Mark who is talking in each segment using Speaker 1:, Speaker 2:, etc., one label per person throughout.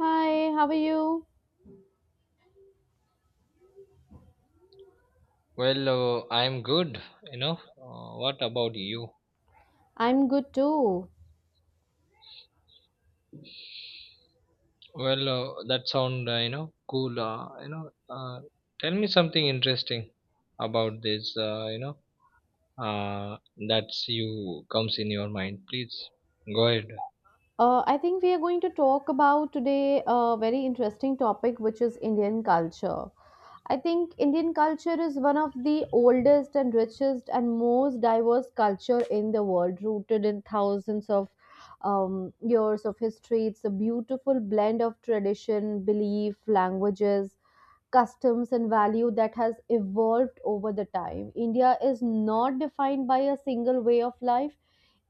Speaker 1: Hi, how are you?
Speaker 2: I'm good. What about you?
Speaker 1: I'm good too.
Speaker 2: That sound cool. Uh, tell me something interesting about this. Uh, that's you comes in your mind. Please go ahead.
Speaker 1: I think we are going to talk about today a very interesting topic, which is Indian culture. I think Indian culture is one of the oldest and richest and most diverse culture in the world, rooted in thousands of years of history. It's a beautiful blend of tradition, belief, languages, customs, and value that has evolved over the time. India is not defined by a single way of life.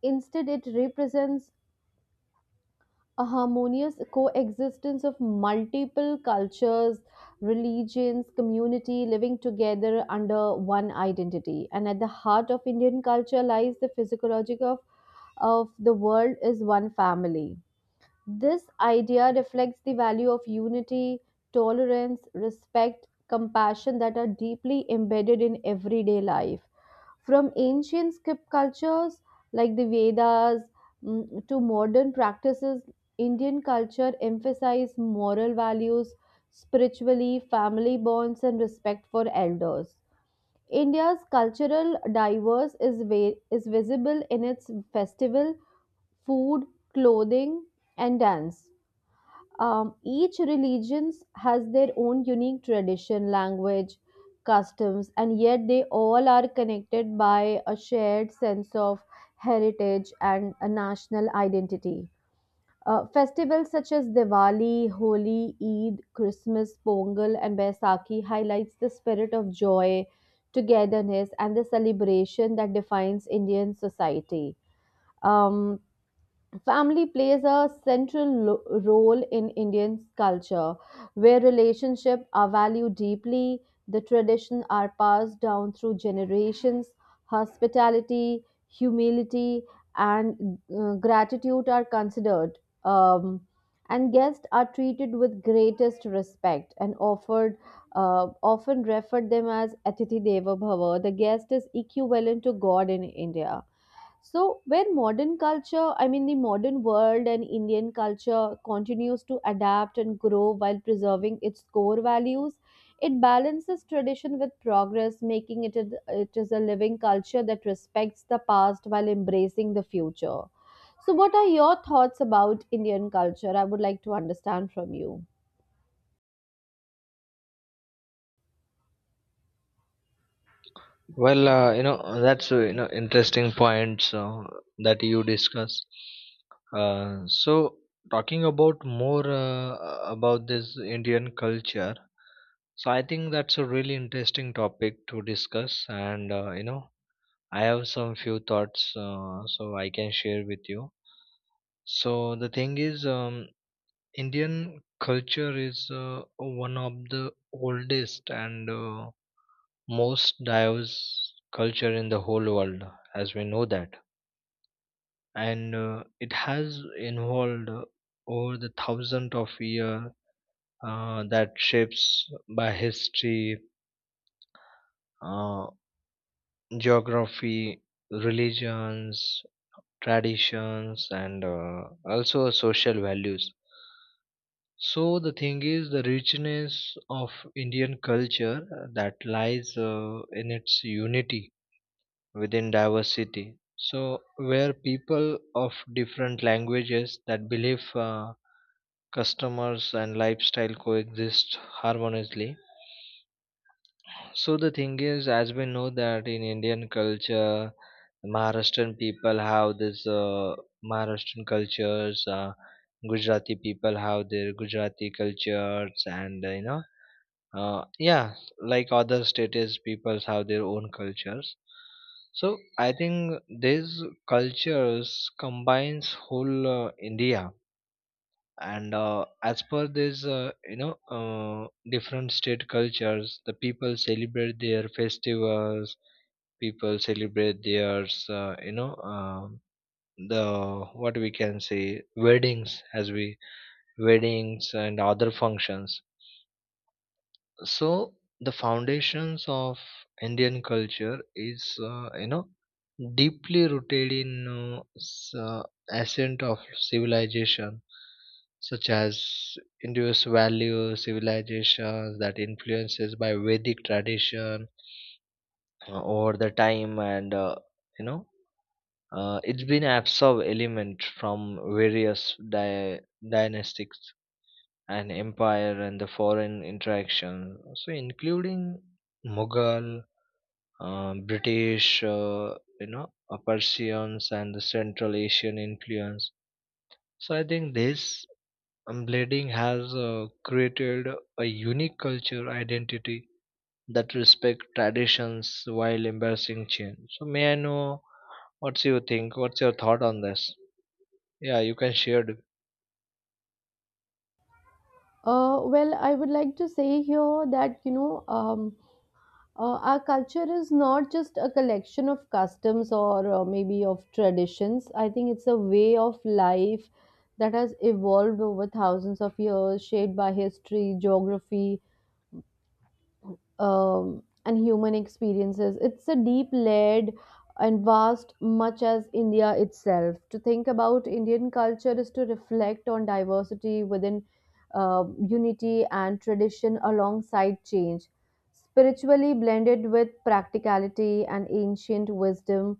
Speaker 1: Instead, it represents a harmonious coexistence of multiple cultures, religions, community living together under one identity. And at the heart of Indian culture lies the physiology of the world is one family. This idea reflects the value of unity, tolerance, respect, compassion that are deeply embedded in everyday life. From ancient script cultures like the Vedas, to modern practices, Indian culture emphasizes moral values, spiritually, family bonds, and respect for elders. India's cultural diverse is visible in its festival, food, clothing, and dance. Each religions has their own unique tradition, language, customs, and yet they all are connected by a shared sense of heritage and a national identity. Festivals such as Diwali, Holi, Eid, Christmas, Pongal, and Baisakhi highlights the spirit of joy, togetherness, and the celebration that defines Indian society. Um, Family plays a role in Indian culture, where relationships are valued deeply. The traditions are passed down through generations. Hospitality, humility, and gratitude are considered, um, and guests are treated with greatest respect and offered, uh, often referred them as Atithi Deva Bhava. The guest is equivalent to God in India. So, where modern culture, I mean the modern world and Indian culture continues to adapt and grow while preserving its core values, it balances tradition with progress, making it is a living culture that respects the past while embracing the future. So, what are your thoughts about Indian culture? I would like to understand from you.
Speaker 2: That's interesting points that you discuss. So talking about more about this Indian culture, so I think that's a really interesting topic to discuss, and I have some few thoughts so I can share with you. So the thing is, Indian culture is one of the oldest and most diverse culture in the whole world, as we know that, and it has involved over the thousand of year, that shapes by history, uh, geography, religions, traditions, and also social values. So the thing is the richness of Indian culture that lies in its unity within diversity, so where people of different languages that believe, customers and lifestyle coexist harmoniously. So the thing is, as we know that in Indian culture, Maharashtrian people have this Maharashtrian cultures, Gujarati people have their Gujarati cultures, and yeah, like other states, people have their own cultures. So I think these cultures combines whole India, and as per this different state cultures, the people celebrate their festivals, people celebrate their the what we can say weddings, as we weddings and other functions. So the foundations of Indian culture is deeply rooted in uh, s- uh, ascent of civilization, such as India's value civilizations that influences by Vedic tradition over the time, and you know it's been absorbed element from various dynastics and empire and the foreign interaction, so including Mughal, British, you know Persians and the Central Asian influence. So I think this blending has created a unique culture identity that respect traditions while embracing change. So may I know what's you think, what's your thought on this? Yeah, you can share it.
Speaker 1: Well, I would like to say here that you know, our culture is not just a collection of customs or maybe of traditions. I think it's a way of life that has evolved over thousands of years, shaped by history, geography, and human experiences. It's a deep layered and vast, much as India itself. To think about Indian culture is to reflect on diversity within unity and tradition alongside change. Spiritually blended with practicality and ancient wisdom,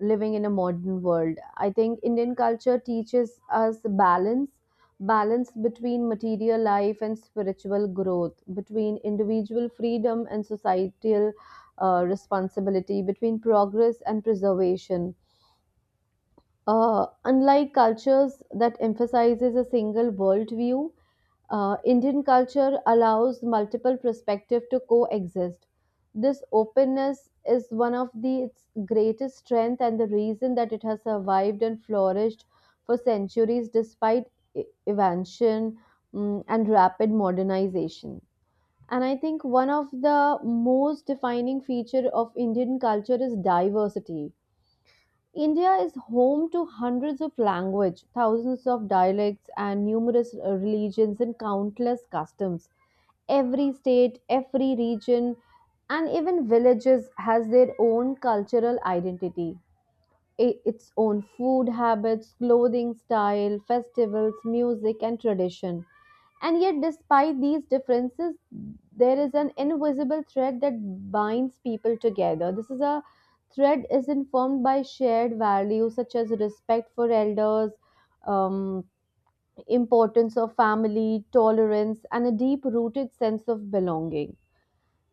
Speaker 1: living in a modern world. I think Indian culture teaches us balance, balance between material life and spiritual growth, between individual freedom and societal responsibility, between progress and preservation. Unlike cultures that emphasizes a single worldview, Indian culture allows multiple perspectives to coexist. This openness is one of its greatest strength and the reason that it has survived and flourished for centuries despite evasion, and rapid modernization. And I think one of the most defining feature of Indian culture is diversity. India is home to hundreds of languages, thousands of dialects, and numerous religions and countless customs. Every state, every region, and even villages has their own cultural identity, its own food habits, clothing style, festivals, music, and tradition. And yet, despite these differences, there is an invisible thread that binds people together. This is a thread is informed by shared values such as respect for elders, um, importance of family, tolerance, and a deep-rooted sense of belonging.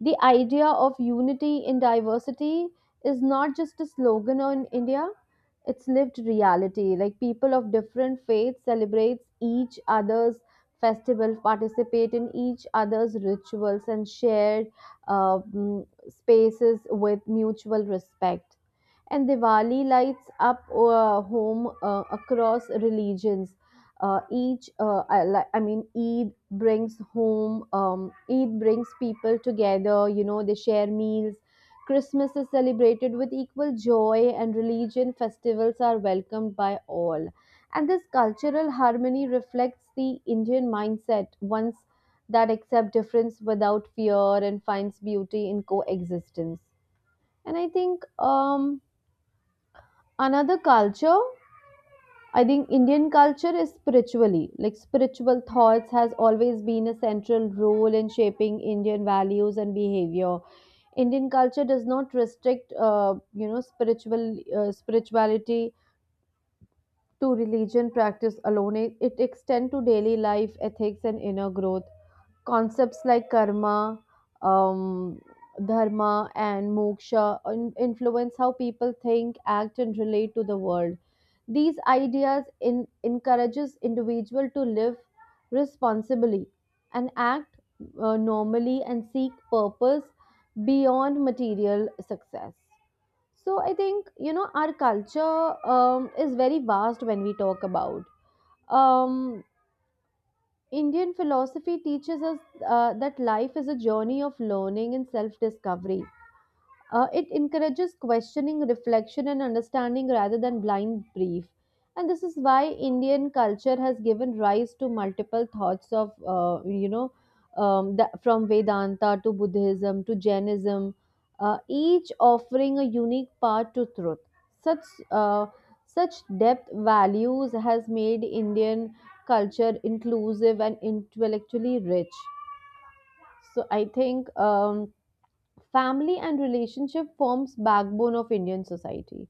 Speaker 1: The idea of unity in diversity is not just a slogan in India; it's lived reality like people of different faiths celebrates each other's festivals participate in each other's rituals and shared spaces with mutual respect and Diwali lights up home across religions. I mean, Eid brings home. Eid brings people together. You know, they share meals. Christmas is celebrated with equal joy, and religion festivals are welcomed by all. And this cultural harmony reflects the Indian mindset, ones that accept difference without fear and finds beauty in coexistence. And I think another culture, I think Indian culture is spiritually like spiritual thoughts has always been a central role in shaping Indian values and behavior. Indian culture does not restrict you know spirituality to religion practice alone. It extends to daily life ethics and inner growth. Concepts like karma, um, dharma, and moksha influence how people think, act, and relate to the world. These ideas encourages individual to live responsibly and act normally and seek purpose beyond material success. So I think you know our culture is very vast when we talk about um Indian philosophy teaches us that life is a journey of learning and self discovery. It encourages questioning, reflection, and understanding rather than blind belief. And this is why Indian culture has given rise to multiple thoughts of, from Vedanta to Buddhism to Jainism, each offering a unique path to truth. Such uh, Such depth values has made Indian culture inclusive and intellectually rich. So I think. Family and relationship forms backbone of Indian society.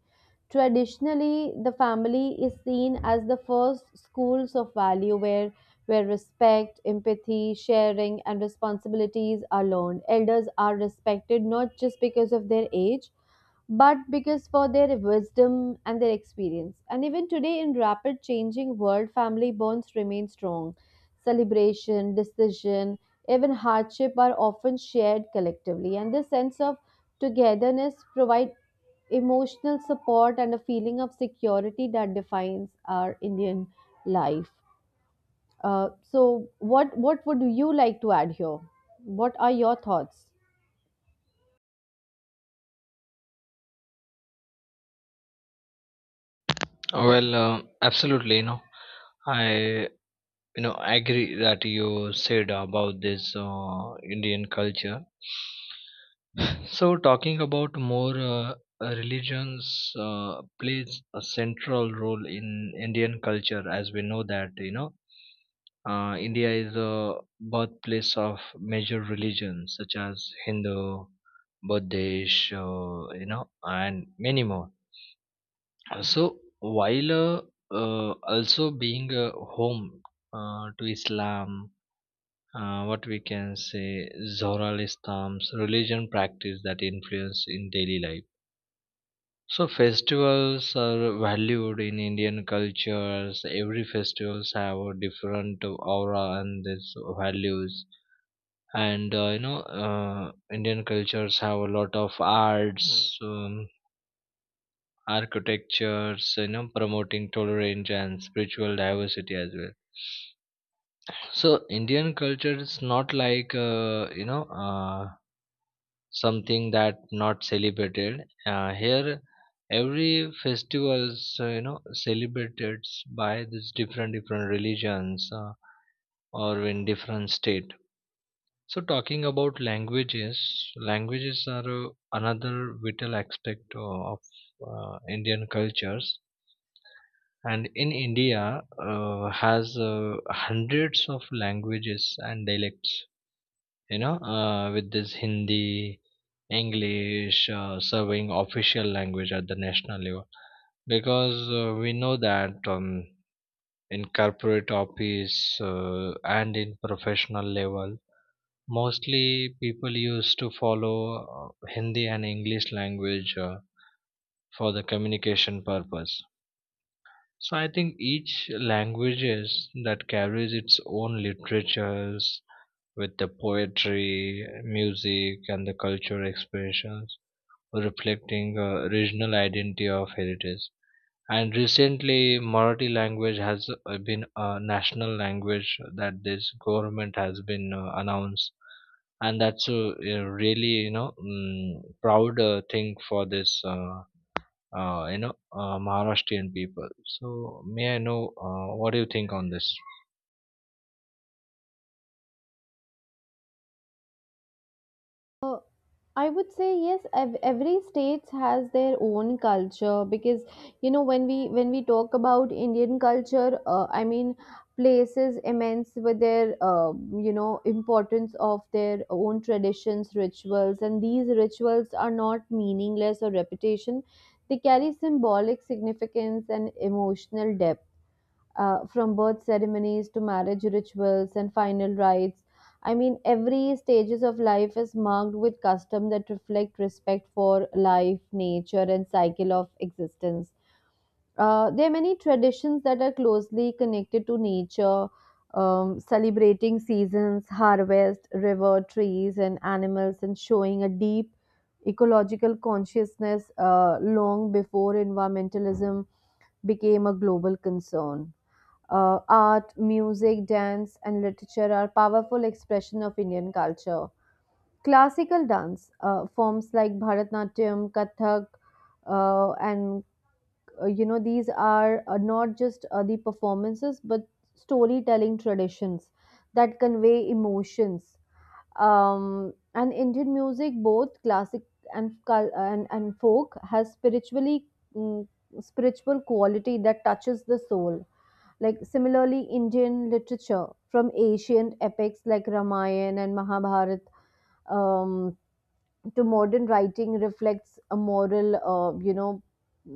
Speaker 1: Traditionally, the family is seen as the first schools of value where respect, empathy, sharing, and responsibilities are learned. Elders are respected not just because of their age, but because for their wisdom and their experience. And even today, in rapid changing world, family bonds remain strong. Celebration, decision, even hardship are often shared collectively, and this sense of togetherness provide emotional support and a feeling of security that defines our Indian life. So, what would you like to add here? What are your thoughts?
Speaker 2: well uh, absolutely, you know, I you know agree that you said about this Indian culture. So talking about more, religions plays a central role in Indian culture, as we know that, you know, India is a birthplace of major religions such as Hindu, Buddhist, and many more. So while also being a home to Islam, what we can say Zoroastrian's religion practice, that influence in daily life. So festivals are valued in Indian cultures. Every festivals have a different aura and its values. And Indian cultures have a lot of arts, architectures, you know, promoting tolerance and spiritual diversity as well. So Indian culture is not like, something that not celebrated here. Every festivals celebrated by these different different religions, or in different state. So talking about languages, languages are another vital aspect of Indian cultures, and in India has hundreds of languages and dialects, you know, with this Hindi, English serving official language at the national level, because we know that, in corporate office uh, and in professional level, mostly people used to follow Hindi and English language for the communication purpose. So I think each languages that carries its own literatures with the poetry, music, and the cultural expressions, reflecting regional identity of heritage. And recently, Marathi language has been a national language that this government has been announced, and that's a, really, you know, proud thing for this Maharashtrian people. So, may I know what do you think on this?
Speaker 1: I would say yes. Every state has their own culture because you know when we talk about Indian culture, I mean places immense with their you know importance of their own traditions, rituals, and these rituals are not meaningless or repetition. They carry symbolic significance and emotional depth, from birth ceremonies to marriage rituals and final rites. I mean, every stages of life is marked with custom that reflect respect for life, nature, and cycle of existence. There are many traditions that are closely connected to nature, celebrating seasons, harvest, river, trees, and animals, and showing a deep ecological consciousness long before environmentalism became a global concern. Art, music, dance, and literature are powerful expression of Indian culture. Classical dance forms like Bharatanatyam, Kathak, and you know these are not just the performances but storytelling traditions that convey emotions. And Indian music, both and folk, has mm, spiritual quality that touches the soul like similarly, Indian literature from ancient epics like Ramayana and Mahabharata, um, to modern writing reflects a moral,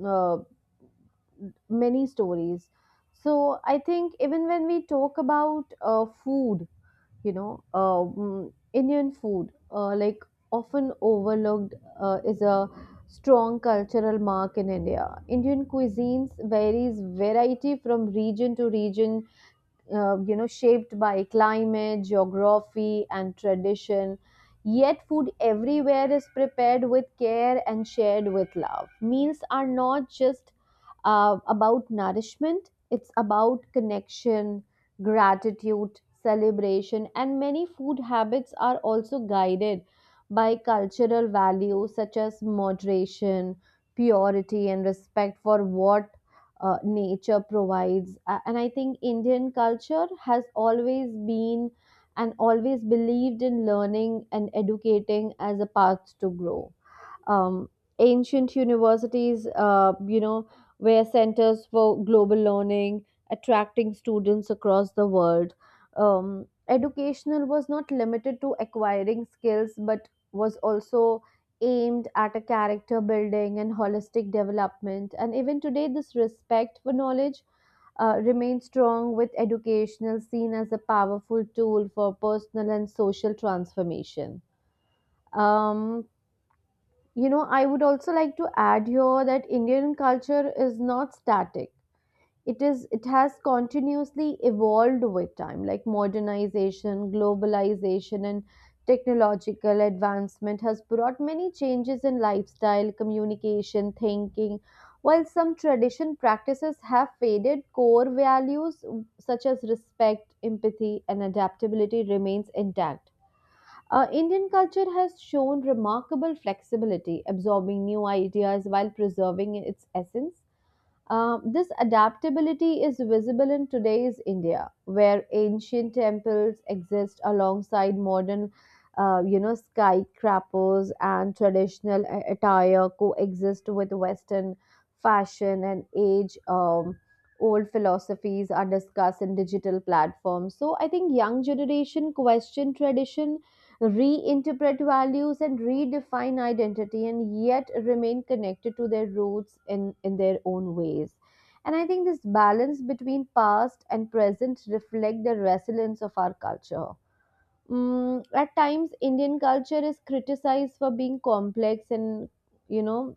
Speaker 1: uh, many stories. So I think even when we talk about food, you know, Indian food, like often overlooked, is a strong cultural mark in India. Indian cuisines varies variety from region to region, you know shaped by climate geography and tradition yet food everywhere is prepared with care and shared with love meals are not just about nourishment it's about connection gratitude celebration and many food habits are also guided by cultural values such as moderation purity and respect for what nature provides. And I think Indian culture has always been and always believed in learning and educating as a path to grow. um, Ancient universities, were centers for global learning, attracting students across the world. Educational was not limited to acquiring skills, but was also aimed at a character building and holistic development. And even today, this respect for knowledge remains strong, with educational seen as a powerful tool for personal and social transformation. Um, you know, I would also like to add here that Indian culture is not static. It has continuously evolved with time, like modernization, globalization, and technological advancement has brought many changes in lifestyle, communication, thinking. While some tradition practices have faded, core values such as respect, empathy, and adaptability remains intact. Indian culture has shown remarkable flexibility, absorbing new ideas while preserving its essence. This adaptability is visible in today's India, where ancient temples exist alongside modern, skyscrapers and attire coexist with Western fashion and age. Old philosophies are discussed in digital platforms so I think young generation question tradition reinterpret values and redefine identity and yet remain connected to their roots in their own ways. And I think this balance between past and present reflect the resilience of our culture. At times, Indian culture is criticized for being complex and you know,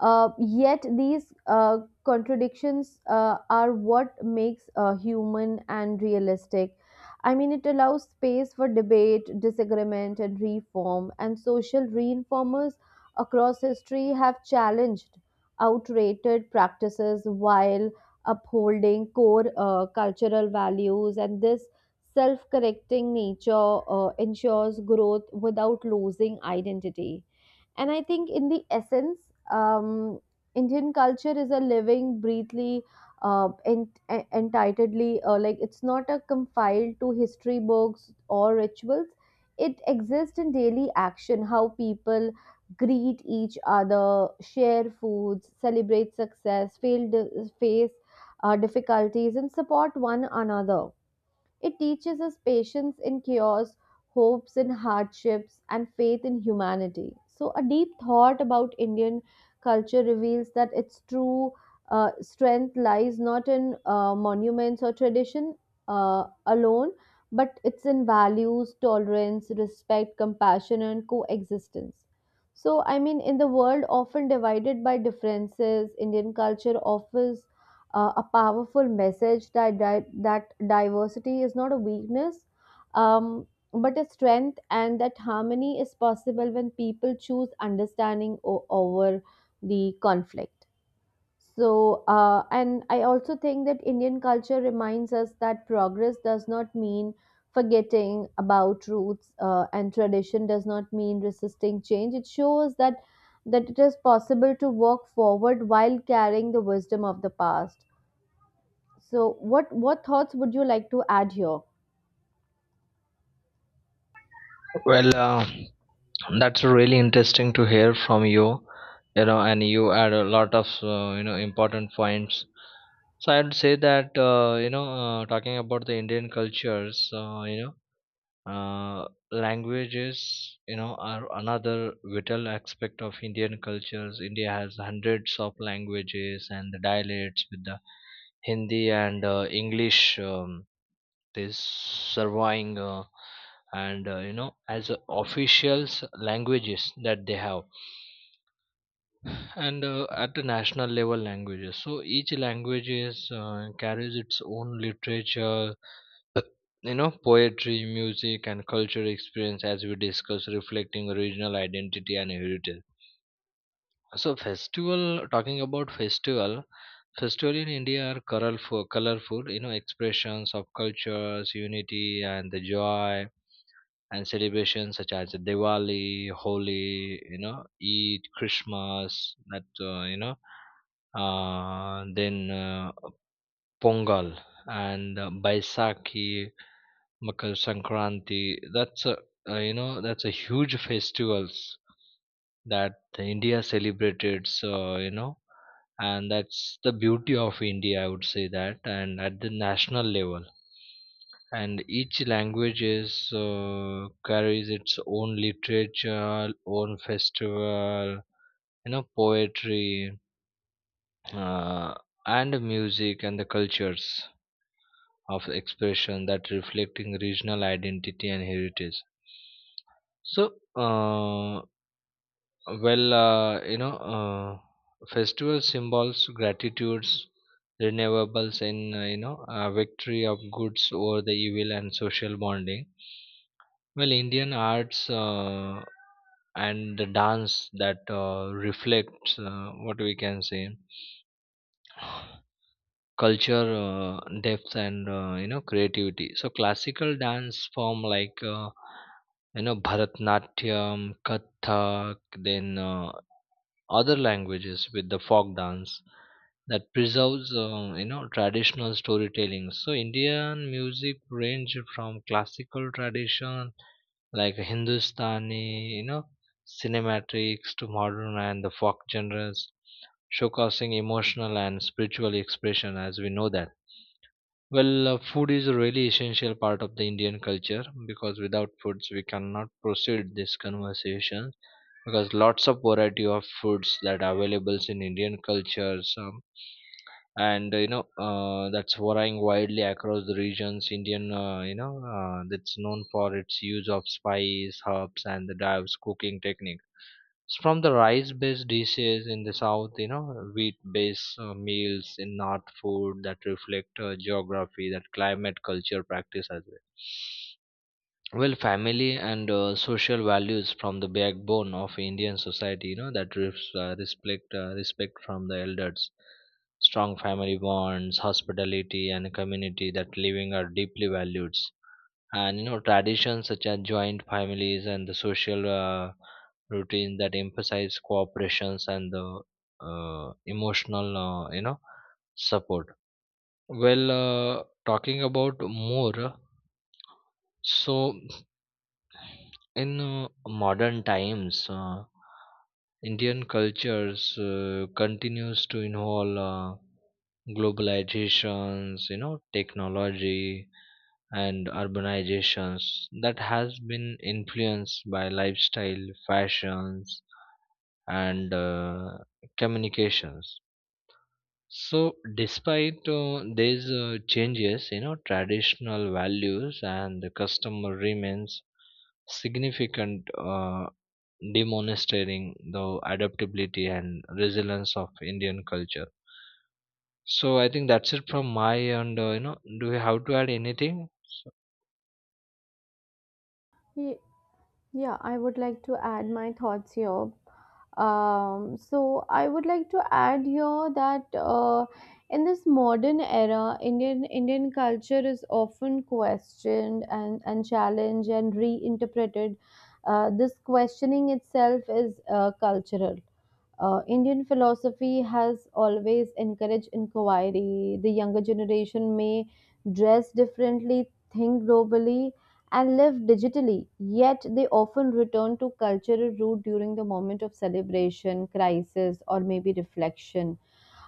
Speaker 1: yet these contradictions are what makes human and realistic. I mean, it allows space for debate, disagreement, and reform. And social reformers across history have challenged outdated practices while upholding core cultural values. And this self correcting nature ensures growth without losing identity. And I think, in the essence, Indian culture is a living, breathly, entitledly, like it's not a confined to history books or rituals. It exists in daily action, how people greet each other, share foods, celebrate success, fail, face difficulties, and support one another. It teaches us patience in chaos, hopes in hardships, and faith in humanity. So, a deep thought about Indian culture reveals that its true strength lies not in monuments or tradition alone, but it's in values, tolerance, respect, compassion, and coexistence. So, I mean, in the world often divided by differences, Indian culture offers a powerful message that that diversity is not a weakness, um, but a strength, and that harmony is possible when people choose understanding over the conflict. So, and I also think that Indian culture reminds us that progress does not mean forgetting about roots, and tradition does not mean resisting change. It shows that it is possible to work forward while carrying the wisdom of the past. So, what thoughts would you like to add here?
Speaker 2: Well, uh, That's really interesting to hear from you. You know, and you add a lot of important points. So I'd say that talking about the Indian cultures, languages, you know, are another vital aspect of Indian cultures. India has hundreds of languages and the dialects with the Hindi and English. Is surveying and as a officials languages that they have, and at the national level languages. So each language is, carries its own literature, you know, poetry, music, and cultural experience as we discuss, reflecting regional identity and heritage. So festival, talking about festival, festival in India are colorful, colorful, you know, expressions of cultures, unity and the joy and celebrations, such as Diwali, Holi, you know, Eid, Christmas, that, then Pongal and Baisakhi, Makar Sankranti. That's a, that's a huge festivals that India celebrated. So you know, and that's the beauty of India. I would say that, and at the national level, and each language is carries its own literature, own festival, you know, poetry, uh, and music, and the cultures of expression that reflecting regional identity and heritage. So, uh, well uh, you know uh, festival symbols, gratitudes, renewables, and victory of goods over the evil and social bonding. Well, Indian arts and the dance that reflects what we can say culture depth and creativity. So classical dance form like, Bharatanatyam, Kathak, then other languages with the folk dance that preserves traditional storytelling. So Indian music range from classical tradition like Hindustani, you know, cinematics, to modern and the folk genres, showcasing emotional and spiritual expression, as we know that. Food is a really essential part of the Indian culture, because without foods we cannot proceed this conversation, because lots of variety of foods that are available in Indian cultures. And you know that's varying widely across the regions. Indian, that's known for its use of spice, herbs, and the diverse cooking technique. It's from the rice based dishes in the south, you know, wheat based meals in north, food that reflect geography, that climate, culture practice as well. Well, family and social values from the backbone of Indian society, you know, that refs, respect, respect from the elders, strong family bonds, hospitality, and a community that living are deeply valued. And you know, traditions such as joint families and the social routine that emphasize cooperations and the emotional, support. Talking about more, so in modern times, Indian cultures continues to involve globalizations, you know, technology and urbanizations, that has been influenced by lifestyle, fashions, and communications. So, despite these changes, you know, traditional values and the customer remains significant, demonstrating the adaptability and resilience of Indian culture. So I think that's it from my end. You know, do you have to add anything? So-
Speaker 1: Yeah, I would like to add my thoughts here. So I would like to add here that in this modern era, Indian culture is often questioned and challenged and reinterpreted. This questioning itself is cultural. Indian philosophy has always encouraged inquiry. The younger generation may dress differently, think globally, and live digitally, yet they often return to cultural root during the moment of celebration, crisis, or maybe reflection.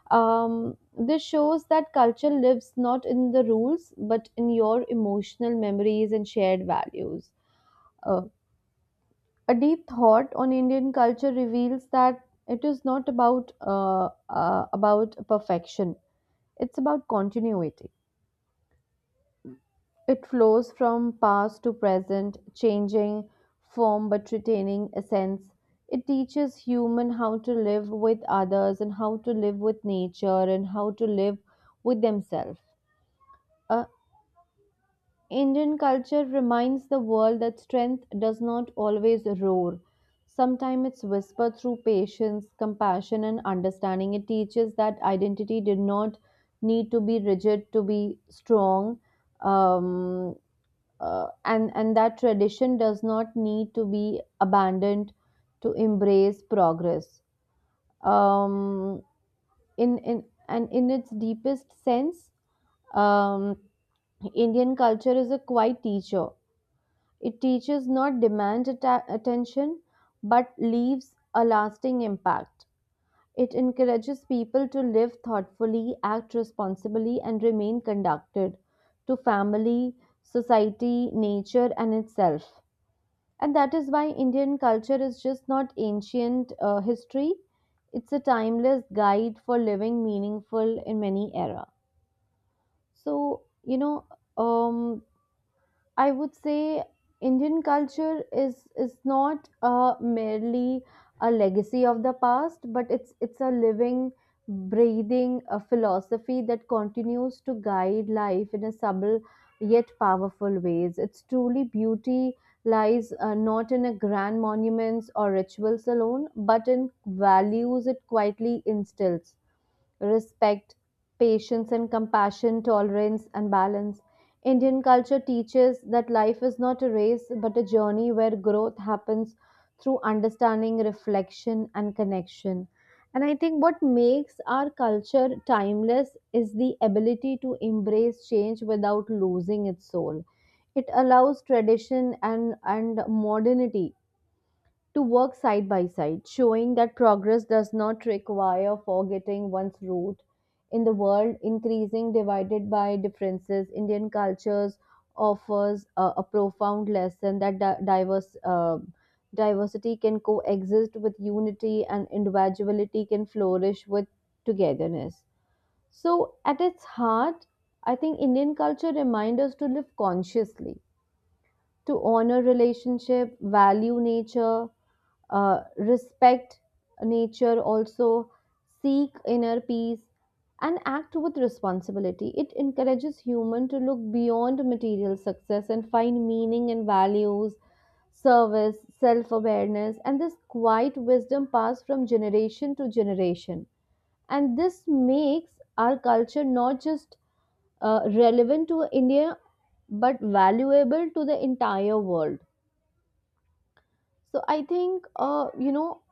Speaker 1: This shows that culture lives not in the rules but in your emotional memories and shared values. Uh, a deep thought on Indian culture reveals that it is not about about perfection; it's about continuity. It flows from past to present, changing form but retaining essence. It teaches human how to live with others and how to live with nature and how to live with themselves. Uh, Indian culture reminds the world that strength does not always roar. Sometimes it's whispered through patience, compassion, and understanding. It teaches that identity did not need to be rigid to be strong, um, and that tradition does not need to be abandoned to embrace progress. um, in its deepest sense, um, Indian culture is a quiet teacher. It teaches not demand attention but leaves a lasting impact. It encourages people to live thoughtfully, act responsibly, and remain conducted to family, society, nature, and itself. And that is why Indian culture is just not ancient history. It's a timeless guide for living meaningful in many era. So, you know, um, I would say Indian culture is not merely a legacy of the past, but it's a living, breathing philosophy that continues to guide life in a subtle yet powerful ways. Its truly beauty lies not in a grand monuments or rituals alone, but in values it quietly instills respect, patience and compassion, tolerance and balance. Indian culture teaches that life is not a race but a journey where growth happens through understanding, reflection, and connection. And I think what makes our culture timeless is the ability to embrace change without losing its soul. It allows tradition and modernity to work side by side, showing that progress does not require forgetting one's root in the world increasing divided by differences. Indian cultures offers a profound lesson that di- diverse diversity can coexist with unity and individuality can flourish with togetherness. So, at its heart, I think Indian culture reminds us to live consciously, to honor relationship, value nature, respect nature, also seek inner peace, and act with responsibility. It encourages human to look beyond material success and find meaning and values, service, self-awareness, and this quiet wisdom passed from generation to generation. And this makes our culture not just relevant to India but valuable to the entire world. So I think you know,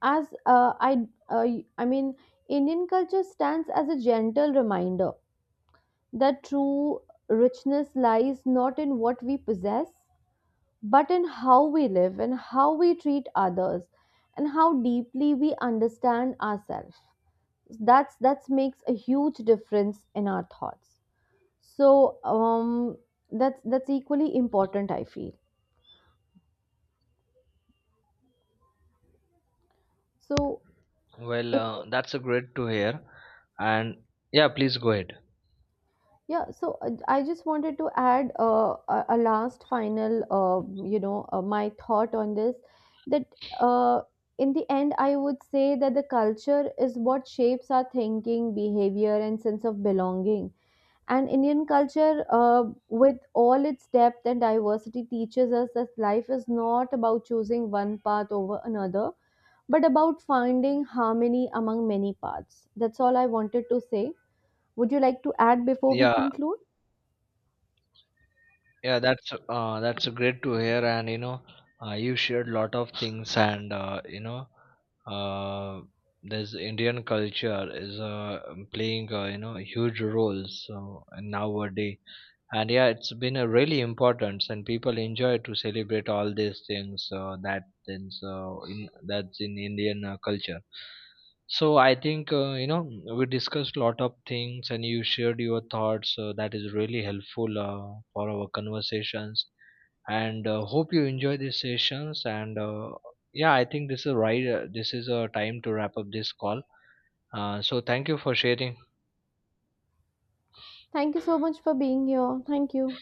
Speaker 1: as uh, I mean, Indian culture stands as a gentle reminder that true richness lies not in what we possess, but in how we live and how we treat others and how deeply we understand ourselves. That makes a huge difference in our thoughts. So, that's equally important. I feel so. It.
Speaker 2: That's a great to hear, and yeah, please go ahead.
Speaker 1: Yeah, so I just wanted to add a last final, my thought on this that uh, in the end, I would say that the culture is what shapes our thinking, behavior, and sense of belonging. And Indian culture, with all its depth and diversity, teaches us that life is not about choosing one path over another, but about finding harmony among many paths. That's all I wanted to say. Would you like to add before we
Speaker 2: Yeah,
Speaker 1: conclude?
Speaker 2: yeah, that's great to hear, and you know, you shared lot of things, and uh, this Indian culture is playing huge roles nowadays, and yeah, it's been a really important, and people enjoy to celebrate all these things, that things in that's in Indian culture. So I think, we discussed a lot of things, and you shared your thoughts that is really helpful for our conversations, and hope you enjoy these sessions, and yeah, I think this is right, this is a time to wrap up this call. So thank you for sharing.
Speaker 1: Thank you so much for being here. Thank you.